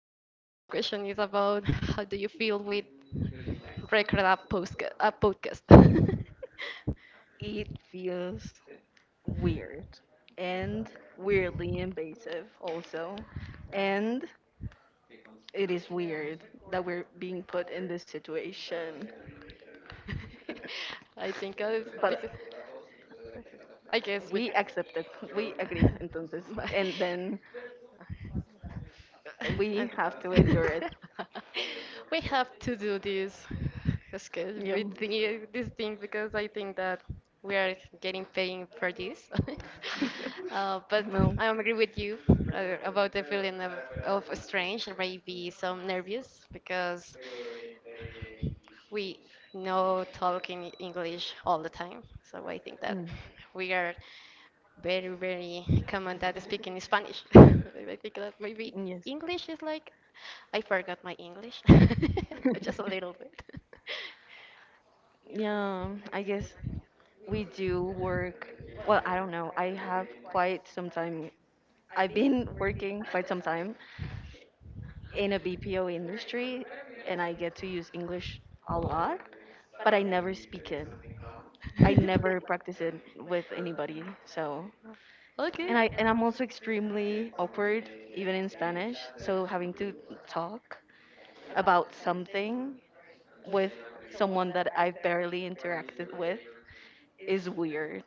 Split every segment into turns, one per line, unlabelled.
that my first question is about how do you feel with record a post a podcast?
It feels weird and weirdly invasive, also. And it is weird that we're being put in this situation.
I think it's
But
because I guess be-
we accepted, we agreed, entonces.
My-
And then we have to
And-
endure it.
we have to do this schedule
Yeah.
with this thing because I think that we are getting paying for this. But
No.
I agree with you about the feeling of strange and maybe some nervous because we know talking English all the time. So I think that
Mm.
we are very, very common that speaking in Spanish. I think that maybe
Yes.
English is like, I forgot my English, just a little bit.
Yeah, I guess we do work. Well, I don't know. I have quite some time. I've been working quite some time in a BPO industry, and I get to use English a lot, but I never speak it. I never practice it with anybody. So, and
Okay.
I and I'm also extremely awkward even in Spanish. So having to talk about something with someone that I've barely interacted with is weird.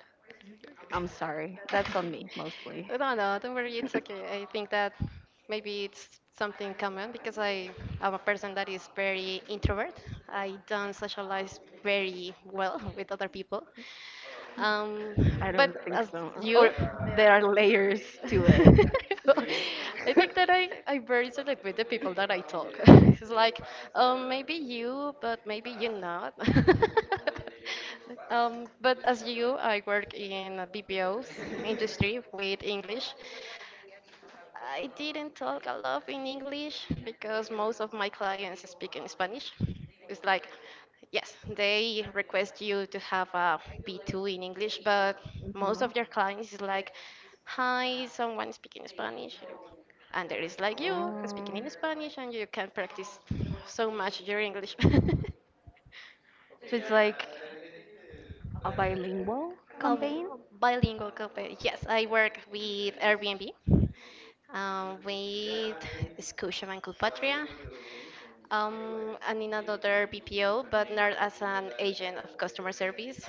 I'm sorry. That's on me mostly.
No, no, don't worry, it's okay. I think that maybe it's something common because I am a person that is very introvert. I don't socialize very well with other people. Um,
I
but
don't think
as
so.
you,
Or there are layers to it.
I think that I very select with the people that I talk. It's like, maybe you, but maybe you not. But as you, I work in a BPO industry with English. I didn't talk a lot in English because most of my clients speak in Spanish. It's like, yes, they request you to have a B2 in English, but most
Mhm.
of your clients is like, hi, someone speaking Spanish. And there is like you speaking
Oh.
in Spanish, and you can practice so much your English.
So it's like a bilingual
Of
campaign?
bilingual company. Yes, I work with Airbnb with Scotiabank Culpatria, and in another BPO, but not as an agent of customer service.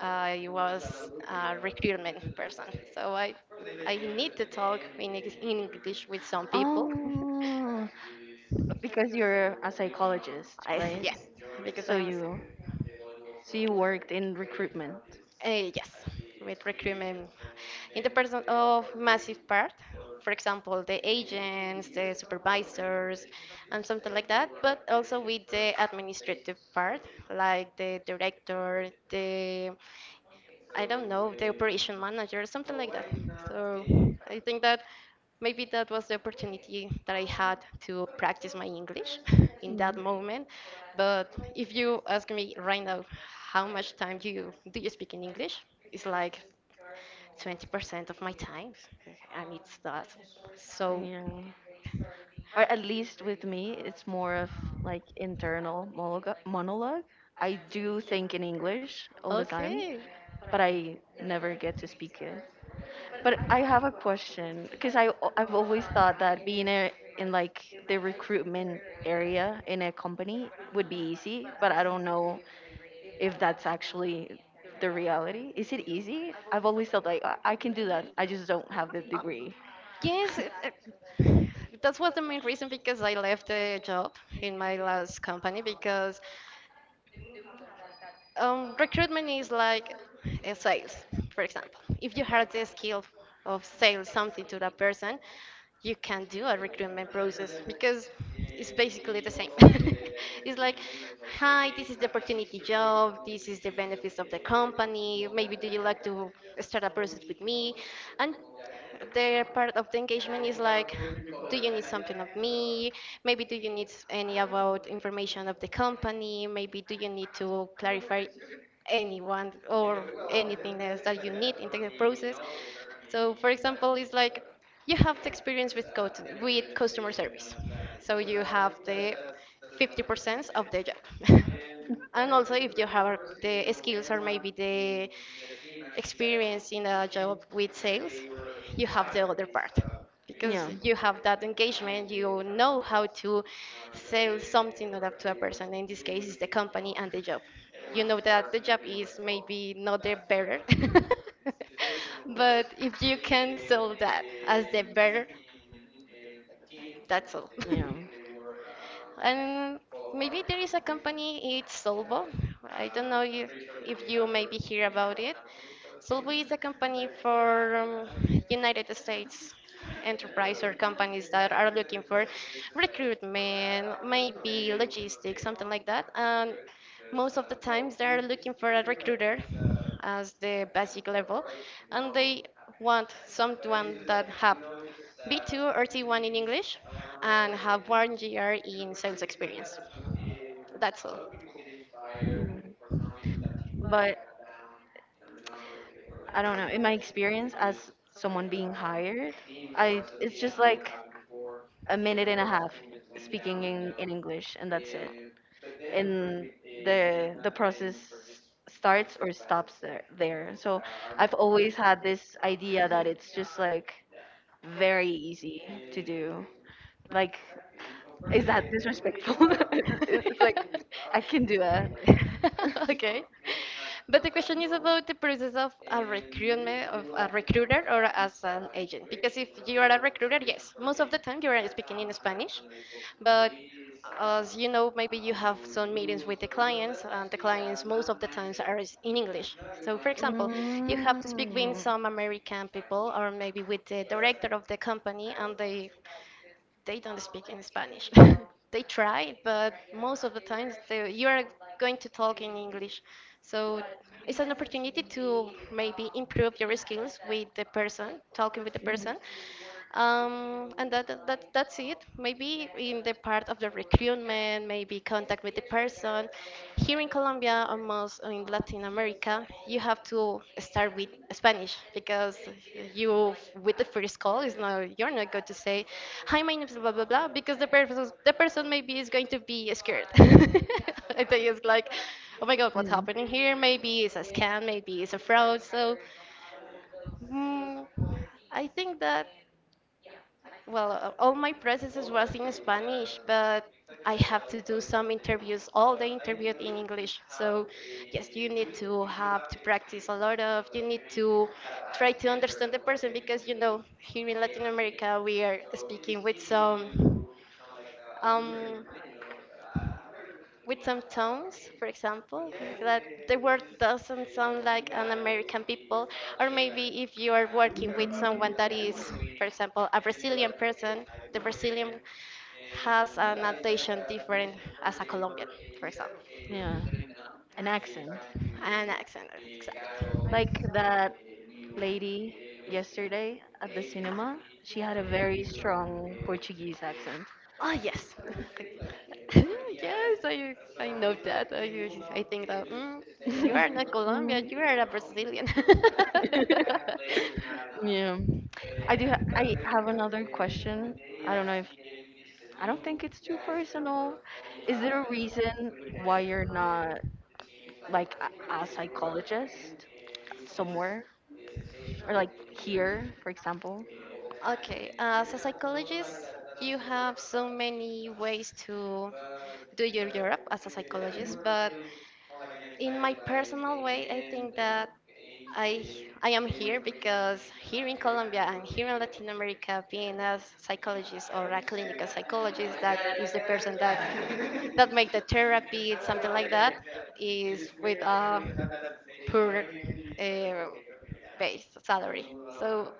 I was a recruitment person, so I need to talk in English with some people.
Oh, because you're a psychologist,
I,
right?
yes, because I
So
am.
you so you worked in recruitment.
Yes, with recruitment in the person of massive part, for example, the agents, the supervisors, and something like that, but also with the administrative part, like the director, the I don't know, the operation manager, something like that. So I think that maybe that was the opportunity that I had to practice my English in that moment. But if you ask me right now, how much time do you speak in English? It's like 20% of my time, and it's
um,
that. So
Yeah. Or at really least with me, it's more of, like, internal monologue. Like monologue. I do really think in English all the time,
okay.
but I never, yeah, get to speak it. But I really have a question because I've always thought that being a, in like the recruitment area in a company would be easy, but I don't know if that's actually the reality. Is it easy? I've always felt like, "I can do that. I just don't have the degree."
Yes, that was the main reason because I left the job in my last company because recruitment is like sales, for example. If you have the skill of sales something to that person, you can do a recruitment process because it's basically the same. It's like, hi, this is the opportunity job, this is the benefits of the company, maybe do you like to start a process with me? And the part of the engagement is like, do you need something of me? Maybe do you need any about information of the company? Maybe do you need to clarify anyone or anything else that you need in the process? So, for example, it's like you have the experience with go with customer service so you have the 50% of the job and also if you have the skills or maybe the experience in a job with sales you have the other part
Yeah.
because you have that engagement you know how to sell something or that to a person in this case is the company and the job you know that the job is maybe not the better. But if you can sell that as the better, that's all.
Yeah.
And maybe there is a company, it's Solvo. I don't know if you maybe hear about it. Solvo is a company for United States enterprise or companies that are looking for recruitment, maybe logistics, something like that. And most of the times they are looking for a recruiter as the basic level, and they want someone that have B2 or T1 in English and have one year in sales experience. That's all.
Hmm. But I don't know. In my experience as someone being hired, I it's just like a minute and a half speaking in English and that's it. And the process starts, so, or stops there. So, I've always had this idea that it's just like very easy to do. Like, is that disrespectful? It's like, I can do that.
Okay. But the question is about the process of a recruitment of a recruiter or as an agent. Because if you are a recruiter, yes, most of the time you are speaking in Spanish. But as you know, maybe you have some meetings with the
Mm.
clients, and the clients most of the times are is in English. So, for example, you have to
Mhm.
speak with some American people or maybe with the director of the company, and they don't speak in Spanish. They try, but most of the times they, you are going to talk in English. So it's an opportunity to maybe improve your skills with the person, talking with the person, and that, that's it. Maybe in the part of the recruitment, maybe contact with the person. Here in Colombia, almost in Latin America, you have to start with Spanish because you with the first call is not you're not going to say, "Hi, my name is blah blah blah," because the person maybe is going to be scared. I think it's like, "Oh my God, what's happening here?" Maybe it's a scam, maybe it's a fraud. So. mm, I think that well, all my processes was in Spanish, but I have to do some interviews, all the interviews in English. So, yes, you need to have to practice a lot of, you need to try to understand the person because, you know, here in Latin America, we are speaking um, with some tones, for example, that the word doesn't sound like an American people, or maybe if you are working with someone that is, for example, a Brazilian person, the Brazilian has an adaptation different as a Colombian, for
Mm.
example,
Yeah. An accent.
an accent, exactly.
Like that lady yesterday at the cinema, she had a very strong Portuguese accent.
Oh yes, yes, I know that. I think that you are not Colombian, you are a
Mhm.
Brazilian.
Yeah. I do. I have another question. I don't know if— I don't think it's too personal. Is there a reason why you're not, like, a psychologist somewhere, or like here, for example?
Okay, as a psychologist, you have so many ways to do your job as a psychologist, but
Mhm.
in my personal way, I think that I I am here because here in Colombia and here in Latin America, being a psychologist or a clinical psychologist, that is the person that make the therapy, something like that, is with a poor uh, base salary. So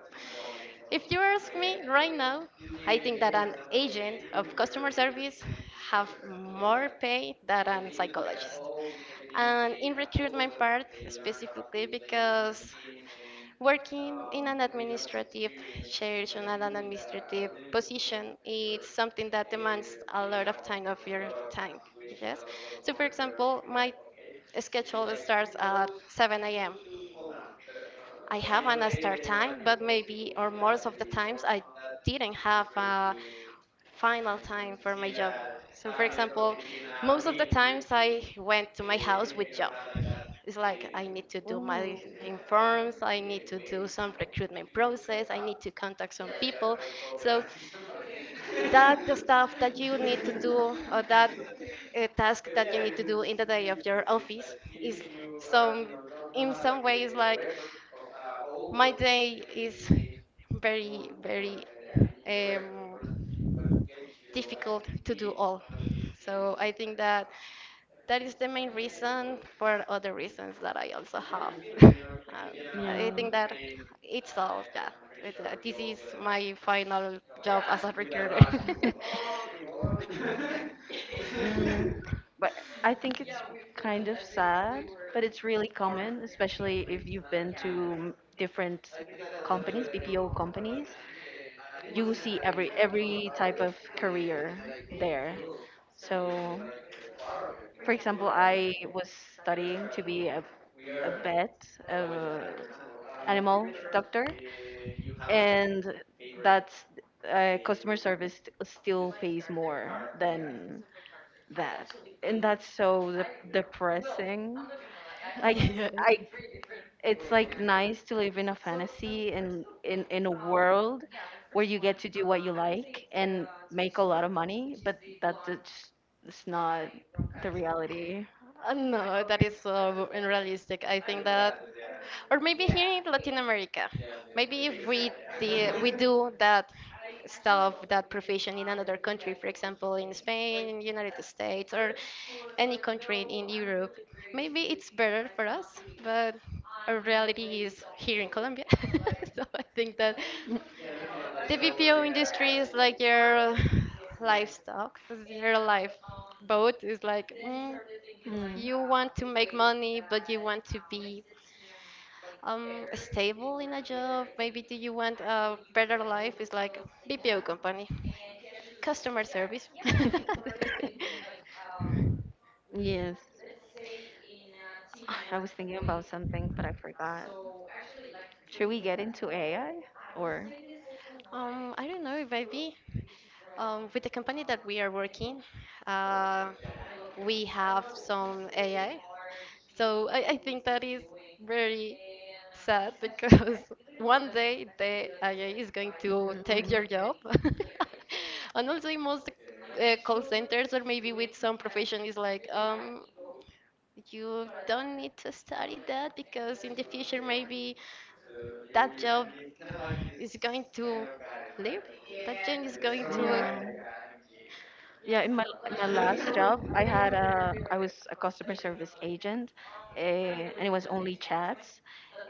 if you ask me right now, I think that an agent of customer service have more pay than a psychologist. And in recruitment part, specifically because working in an administrative chairs and an administrative position it's something that demands a lot of time of your time. Yes. So, for example, my schedule starts at 7 a.m. I have an start time, but maybe or most of the times I didn't have a final time for my job. So, for example, most of the times I went to my house with job. It's like I need to do my
Ooh.
informs, I need to do some recruitment process, I need to contact some people. So that the stuff that you need to do or that task that you need to do in the day of your office is some in some ways like my day is very, very um, difficult to do all. So I think that that is the main reason for other reasons that I also have. Uh, I think
Yeah.
that it's all, yeah. This is my final job as a recruiter.
Mm, but I think it's kind of sad, but it's really common, especially if you've been to different companies, BPO companies. You see every type of career there. So, for example, I was studying to be a vet, a animal doctor, and that's customer service still pays more than that, and that's so depressing. Like
Yeah.
I, it's like nice to live in a fantasy and in a world where you get to do what you like and make a lot of money, but that's just— it's not the reality.
No, that is so unrealistic. I think that, or maybe here in Latin America, maybe if we we do that stuff that profession in another country, for example, in Spain, United States, or any country in Europe. Maybe it's better for us, but our reality is here in Colombia. So I think that the BPO industry is like your livestock, is your life boat. Is like you want to make money, but you want to be stable in a job. Maybe do you want a better life? It's like BPO company. Customer service.
Yes. I was thinking about something, but I forgot. Should we get into AI or?
I don't know if I be with the company that we are working, uh, we have some AI. So I think that is very sad because one day the AI is going to take your job. And also in most call centers or maybe with some profession is like, you don't need to study that because in the future maybe that
Mm.
job is going to leave. That job is going to
Yeah. Yeah, in my last job, I was a customer service agent, and it was only chats,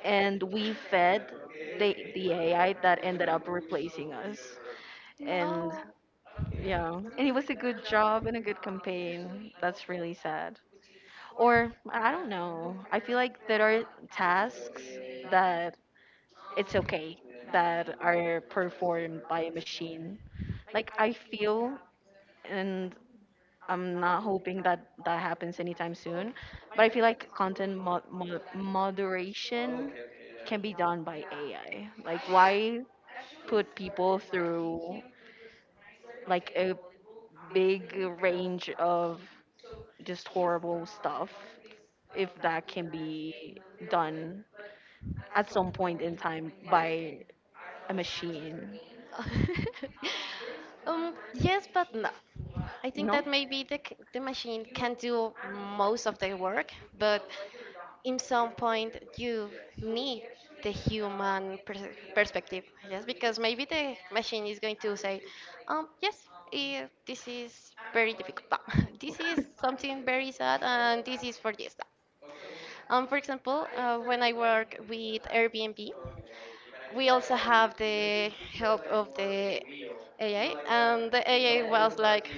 and we fed the AI that ended up replacing us, and,
no.
yeah, and it was a good job and a good campaign. That's really sad. Or I don't know. I feel like there are tasks that it's okay that are performed by a machine. Like, I feel, and I'm not hoping that that happens anytime soon, but I feel like content moderation can be done by AI. Like, why put people through like a big range of just horrible stuff if that can be done at some point in time by a machine.
Yes, but no. I think
No?
that maybe the machine can do most of the work, but in some point you need the human perspective yes, because maybe the machine is going to say um yes this is very difficult, but this is something very sad and this is for this for example, when I work with airbnb we also have the help of the AI, and the AI was like,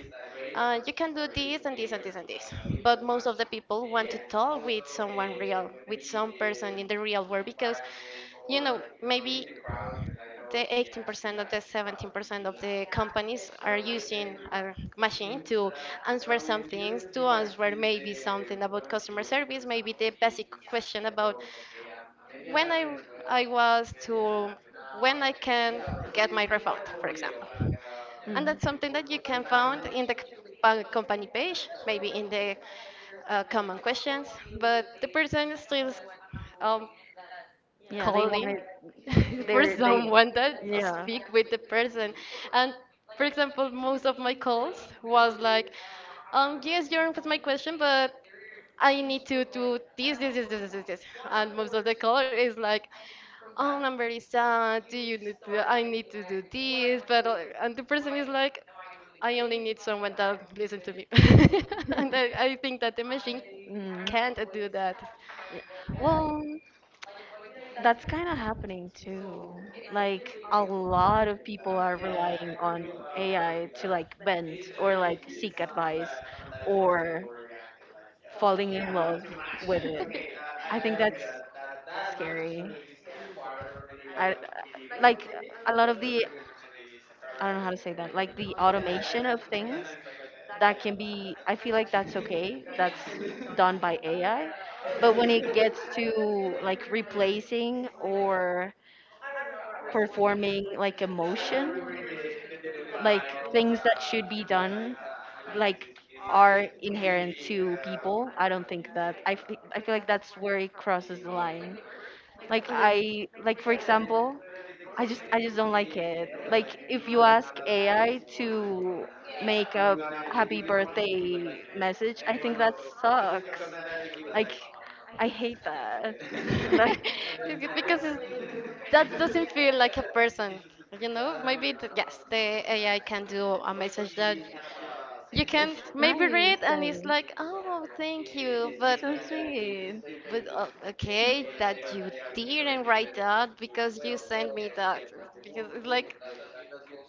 you can do this and this and this and this. But most of the people want to talk with someone real, with some person in the real world, because, you know, maybe the 18% or the 17% of the companies are using a machine to answer some things, to answer maybe something about customer service, maybe the basic question about when I was to when I can get my refund, for example. And that's
Mm.
something that you can find in the company page, maybe in the common questions, but the person is still um,
Yeah, they
calling
wanted
for
their, they,
someone that
yeah.
speak with the person. And for example, most of my calls was like, yes, you answered my question, but I need to do this, this, this, this, this, this. This." And most of the call is like, oh, I'm very sad. Do you need to, I need to do this, but and the person is like, I only need someone that listen to me, and I think that the machine
Mm.
can't do that.
Yeah. Well, that's kind of happening too. Like, a lot of people are relying on AI to, like, bend or, like, seek advice, or falling in love with it.
Okay.
I think that's scary. I— like, a lot of the— I don't know how to say that. Like, the automation of things that can be, I feel like, that's okay. That's done by AI, but when it gets to like replacing or performing like a motion, like things that should be done, like, are inherent to people. I don't think that I feel like that's where it crosses the line. Like, I— like, for example, I just don't like it. Like, if you ask AI to make a happy birthday message, I think that sucks. Like, I hate that. Like,
It's because it's that doesn't feel like a person, you know? Maybe, it, yes, the AI can do a message that you can
It's
maybe
nice
read and it's
and
like, oh, thank you,
it's so sweet.
but okay, that you didn't write that because you sent me that. Because it's like,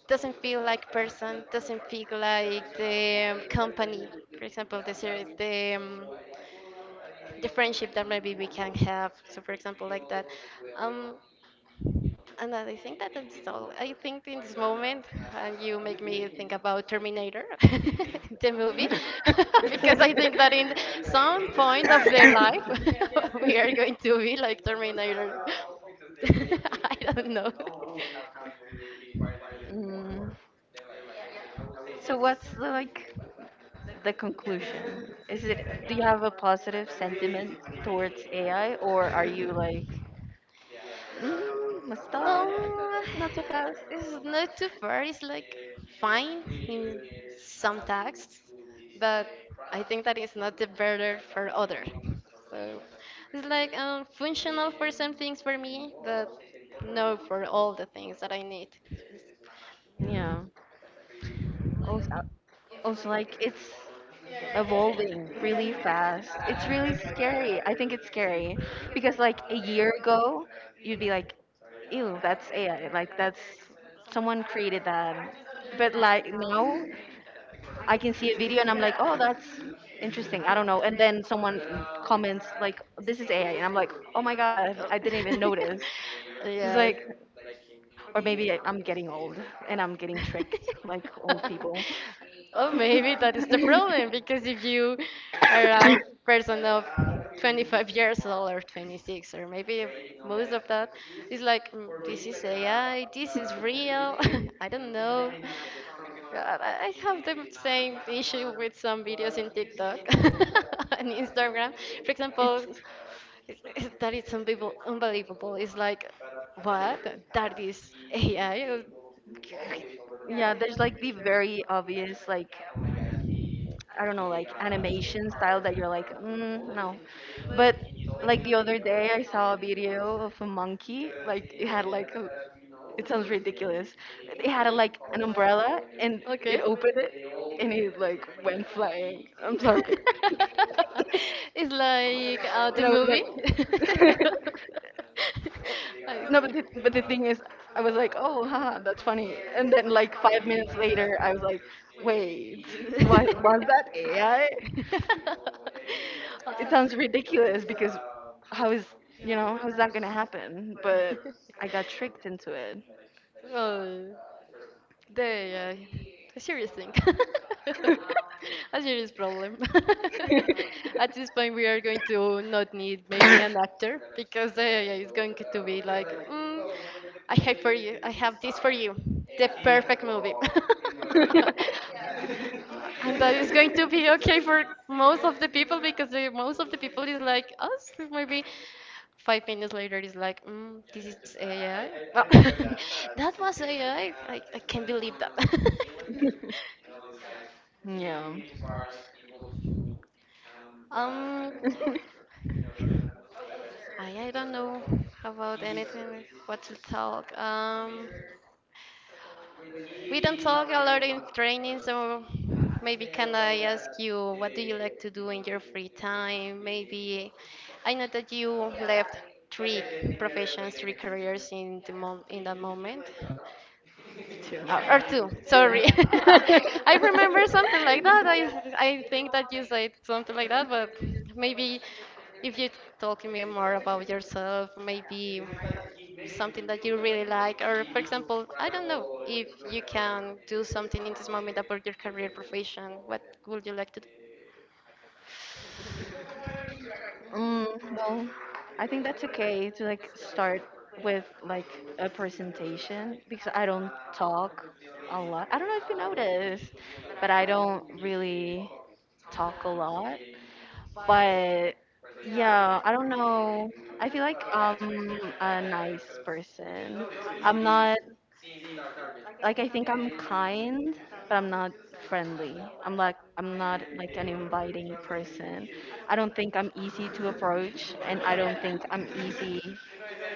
doesn't feel like person, doesn't feel like the company. For example, the series, the friendship that maybe we can have. So, for example, like that. Um, and I think that that's all. I think in this moment, you make me think about Terminator, the movie, because I think that in some point of the life, we are going to be like Terminator. I don't know.
Mm. So what's, like, the conclusion? Is it do you have a positive sentiment towards AI, or are you like, mm, must stop,
Um,
not so fast?
it's not too fair. It's like fine in some texts, but I think that it's not the better for other. So it's like functional for some things for me, but no for all the things that I need.
Yeah. Oh, also, like, it's evolving really fast. It's really scary. I think it's scary because, like, a year ago, you'd be like, "Ew, that's AI. Like, that's someone created that." But, like, now, I can see a video and I'm like, "Oh, that's interesting. I don't know." And then someone comments like, "This is AI," and I'm like, "Oh my god, I didn't even notice." It's
Yeah.
like, or maybe I'm getting old and I'm getting tricked like old people.
Oh, maybe that is the problem because if you are a person of 25 years old, or 26, or maybe most of that is like, "Mm, this is AI, this is real." I don't know. God, I have the same issue with some videos in TikTok and Instagram. For example,
It's
that is unbelievable. Unbelievable. It's like, what? That is AI?
Yeah, there's, like, the very obvious, like, I don't know, like animation style that you're like, mm, no. But, like, the other day, I saw a video of a monkey. Like, it had like a— it sounds ridiculous. It had a, like, an umbrella and it
Okay.
opened it and it, like, went flying. I'm sorry.
It's like the
And I was
movie.
like,
I-
no, but the thing is, I was like, oh, haha, that's funny. And then, like, 5 minutes later, I was like, wait, was that AI? It
Uh,
sounds ridiculous because how is how is that gonna happen? But I got tricked into it.
Oh, there, a serious thing. A serious problem. At this point, we are going to not need maybe an actor because the AI is going to be like, mm, I have for you, I have this for you, the perfect movie. And that is going to be okay for most of the people because the, most of the people is like us, maybe five minutes later, it's like, mm, this is AI. Oh, that was AI. I can't believe that.
Yeah.
Um, I don't know about anything. What to talk? We don't talk a lot in training, so maybe can I ask you what do you like to do in your free time? Maybe I know that you left three professions, three careers in the mom in that moment.
True.
Or two, sorry. I remember something like that. I think that you said something like that, but maybe if you talk to me more about yourself, maybe something that you really like, or for example, I don't know if you can do something in this moment about your career profession, what would you like to do?
Mm, well, I think that's okay to, like, start with, like, a presentation because I don't talk a lot. I don't know if you noticed, but I don't really talk a lot. But, yeah, I don't know. I feel like I'm a nice person. I'm not— like, I think I'm kind, but I'm not friendly. I'm, like, I'm not, like, an inviting person. I don't think I'm easy to approach, and I don't think I'm easy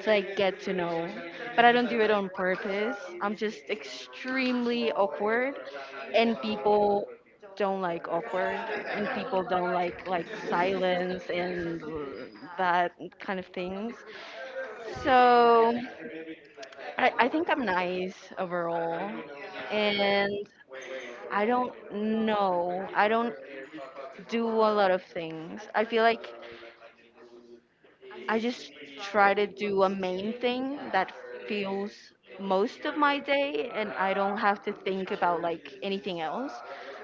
to, like, get to know. But I don't do it on purpose. I'm just extremely awkward, and people don't like awkward, and people don't like silence and that kind of things. So I think I'm nice overall. And I don't know. I don't do a lot of things. I feel like I just try to do a main thing that feels most of my day, and I don't have to think about, like, anything else.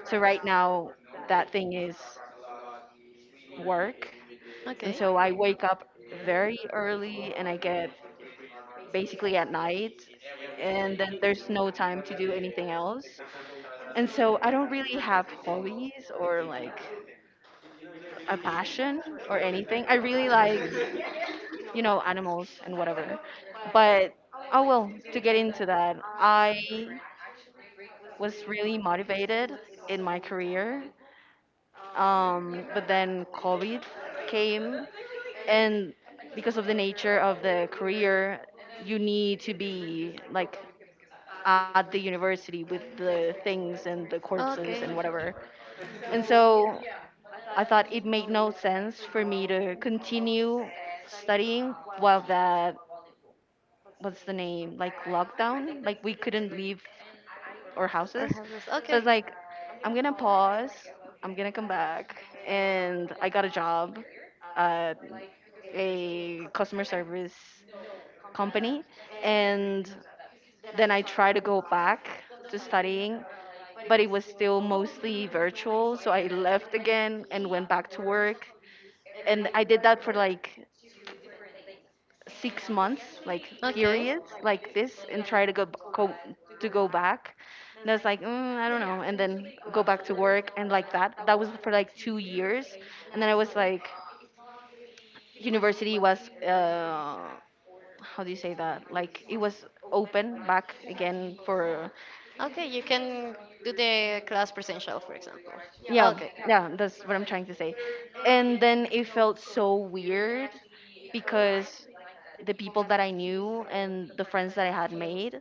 So right now that thing is work. And
Okay.
so I wake up very early, and I get basically at night, and then there's no time to do anything else. And so I don't really have hobbies or, like, a passion or anything. I really like animals and whatever. But, oh, well, to get into that, I was really motivated in my career. But then COVID came, and because of the nature of the career, you need to be, like, at the university with the things and the corpses and
Okay.
whatever. And so I thought it made no sense for me to continue studying while that— what's the name, like, lockdown, like, we couldn't leave our
Or
houses.
houses.
So
Okay.
it's like, I'm gonna pause, I'm gonna come back. And I got a job at a customer service company, and then I try to go back to studying, but it was still mostly virtual, so I left again and went back to work. And I did that for like 6 months, like,
Okay.
periods like this, and try to go, go to go back. And I was like, mm, I don't know. And then go back to work. And, like, that, that was for like 2 years. And then I was like, university was, how do you say that, like, it was open back again for—
Okay, you can do the class presential, for example.
yeah,
Okay.
yeah, that's what I'm trying to say. And then it felt so weird because the people that I knew and the friends that I had made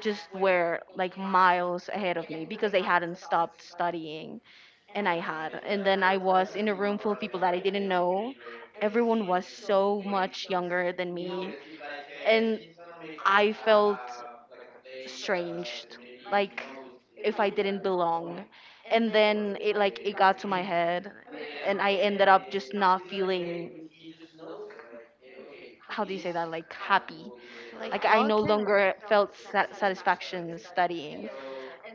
just were, like, miles ahead of me because they hadn't stopped studying, and I had. And then I was in a room full of people that I didn't know. Everyone was so much younger than me. And I felt strange, like if I didn't belong, and then it got to my head, and I ended up just not feeling— how do you say that, like, happy. Like, I no longer felt satisfaction studying,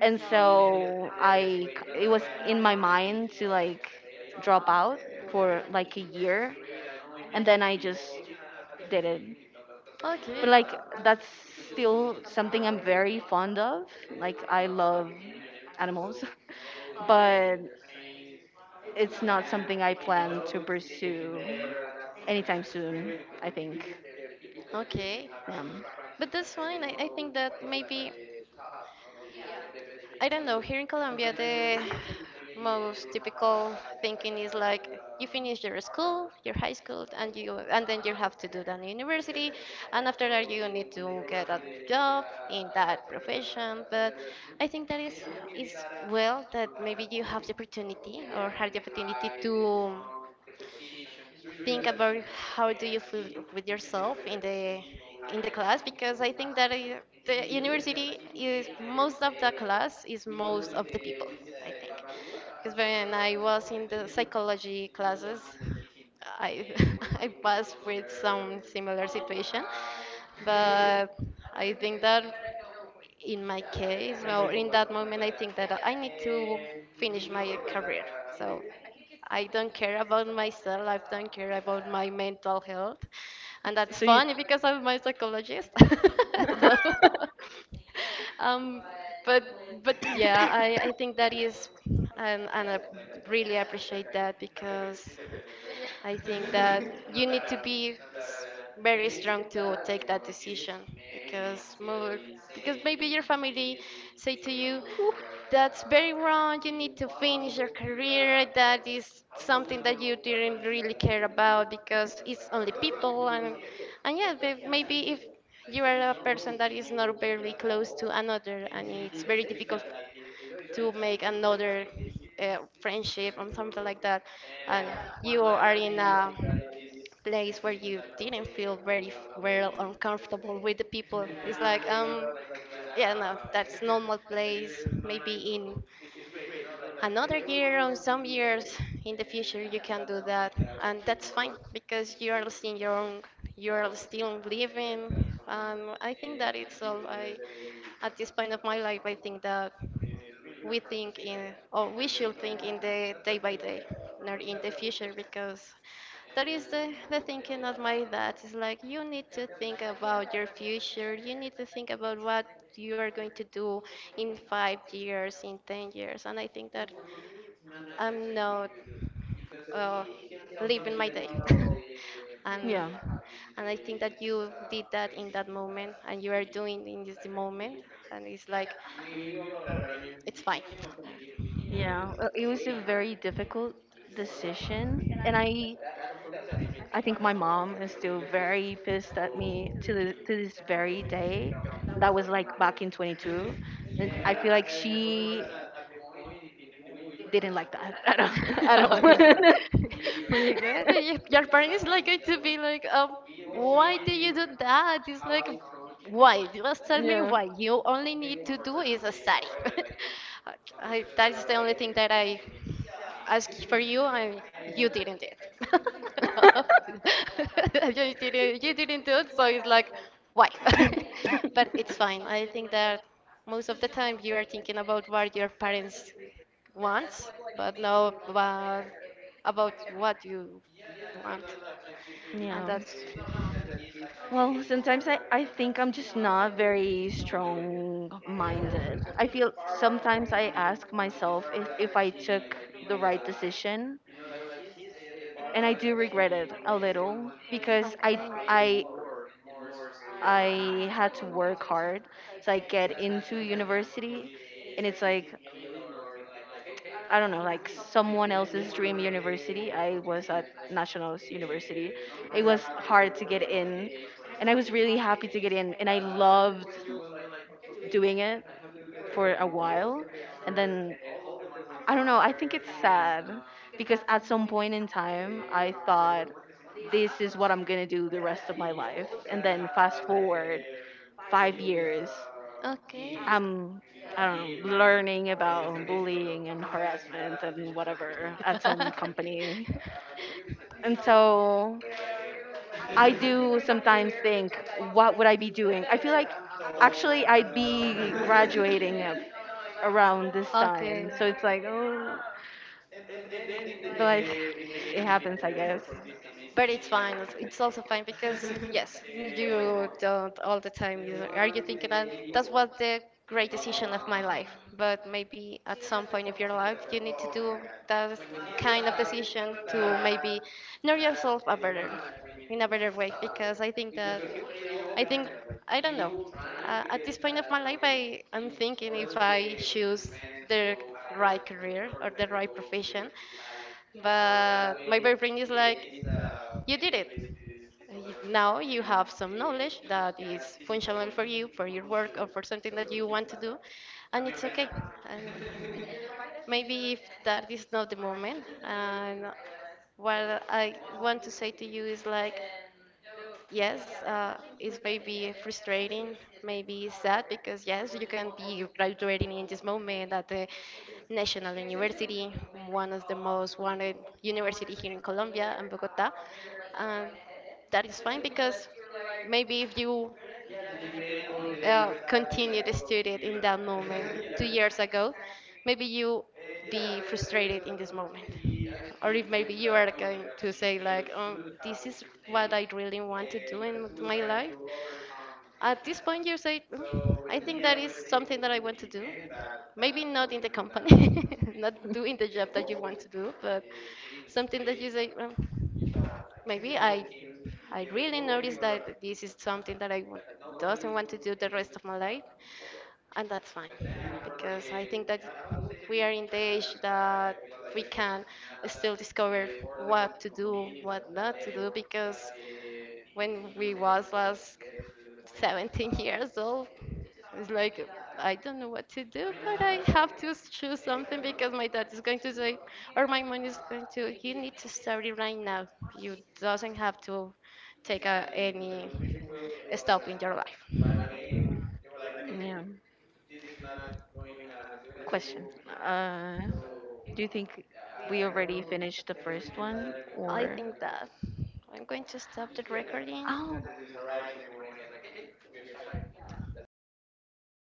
and so it was in my mind to, like, drop out for, like, a year, and then I just did it. But, like, that's still something I'm very fond of. Like, I love animals, but it's not something I plan to pursue anytime soon, I think.
Okay.
Um,
But that's fine. I think that maybe, I don't know, here in Colombia, the most typical thinking is like you finish your school, your high school, and you and then you have to do that in university, and after that you need to get a job in that profession. But I think that is well that maybe you have the opportunity or had the opportunity to think about how do you feel with yourself in the class, because I think that the university is most of the class is most of the people I think, because when I was in the psychology classes I I passed with some similar situation, but I think that in my case or in that moment I think that I need to finish my career, so I don't care about myself, I don't care about my mental health, and that's
so you,
funny because I'm my psychologist. So um, but but yeah, I think that is, and I really appreciate that, because I think that you need to be very strong to take that decision, because more because maybe your family say to you
Oof.
that's very wrong, you need to finish your career, that is something that you didn't really care about because it's only people, and yeah, but maybe if you are a person that is not very close to another, and it's very difficult to make another friendship or something like that. And you are in a place where you didn't feel very well or comfortable with the people. It's like, yeah, no, that's normal place. Maybe in another year or some years in the future you can do that, and that's fine because you are seeing your own, you're still living. And I think that it's all. I, at this point of my life, I think that we think in, or we should think in the day by day, not in the future, because that is the thinking of my dad. It's like you need to think about your future. You need to think about what you are going to do in five years, in 10 years. And I think that I'm not uh, live in my day. and
Yeah.
and I think that you did that in that moment, and you are doing in this moment, and it's like it's fine. Right?
Yeah, it was a very difficult decision, and I think my mom, like, is really still very pissed at me to this very day. That was, like, back in 22, and I feel, yeah, like she didn't like that at all, at all.
Oh, yeah. But exactly, yeah, your parents like going to be like, why do you do that? It's like, why? Just tell me
Yeah.
why. You only need to do is a study. I, that is the only thing that I asked for you, and you didn't do it. You didn't do it, so it's like, why? But it's fine. I think that most of the time, you are thinking about what your parents want, but not about, about what you want. And
Yeah.
that's
Well, sometimes I think I'm just not very strong minded. I feel sometimes I ask myself if I took the right decision, and I do product regret it a little, because
okay.
I it I had to work hard. So I get into university, and it's like, I don't, I'm, know, like, someone else's dream university. I was at Nationals University. It was hard to get in, and I was really happy to get in, and I loved doing it for a while, and then, I don't know, I think it's sad because at some point in time I thought, this is what I'm going to do the rest of my life, and then fast forward 5 years,
Okay.
I'm I don't know, learning about bullying and harassment and whatever at some company. And so I do sometimes think, what would I be doing? I feel like actually I'd be graduating around this time. So it's like, oh, but, like, it
Okay.
happens, I guess.
But it's fine. It's also fine because yes, you don't all the time. You are you thinking that that's what the great decision of my life? But maybe at some point of your life, you need to do that kind of decision to maybe know yourself a better, in a better way. Because I think that I think I don't know. At this point of my life, I'm thinking if I choose the right career or the right profession, but my boyfriend is like, you did it. Now you have some knowledge that is functional for you, for your work, or for something that you want to do, and it's okay. And maybe if that is not the moment, and what I want to say to you is like, yes, it's maybe frustrating, maybe sad, because yes, you can be graduating in this moment at the National University, one of the most wanted university here in Colombia and Bogota. Um, that is fine because maybe if you continue to study it in that moment two years ago, maybe you be frustrated in this moment. Or if maybe you are going to say like, this is what I really want to do in my life. At this point, you say, "Mm, I think that is something that I want to do. Maybe not in the company, not doing the job that you want to do, but something that you say, well, maybe I really noticed that this is something that I doesn't want to do the rest of my life, and that's fine, because I think that we are in the age that we can still discover what to do, what not to do, because when we was last 17 years old it's like, I don't know what to do, but I have to choose something because my dad is going to say, or my mom is going to, you need to study right now. You doesn't have to take a, any stop in your life.
Yeah. Question. Uh, do you think we already finished the first one,
I
or?
think that I'm going to stop the recording.
Oh.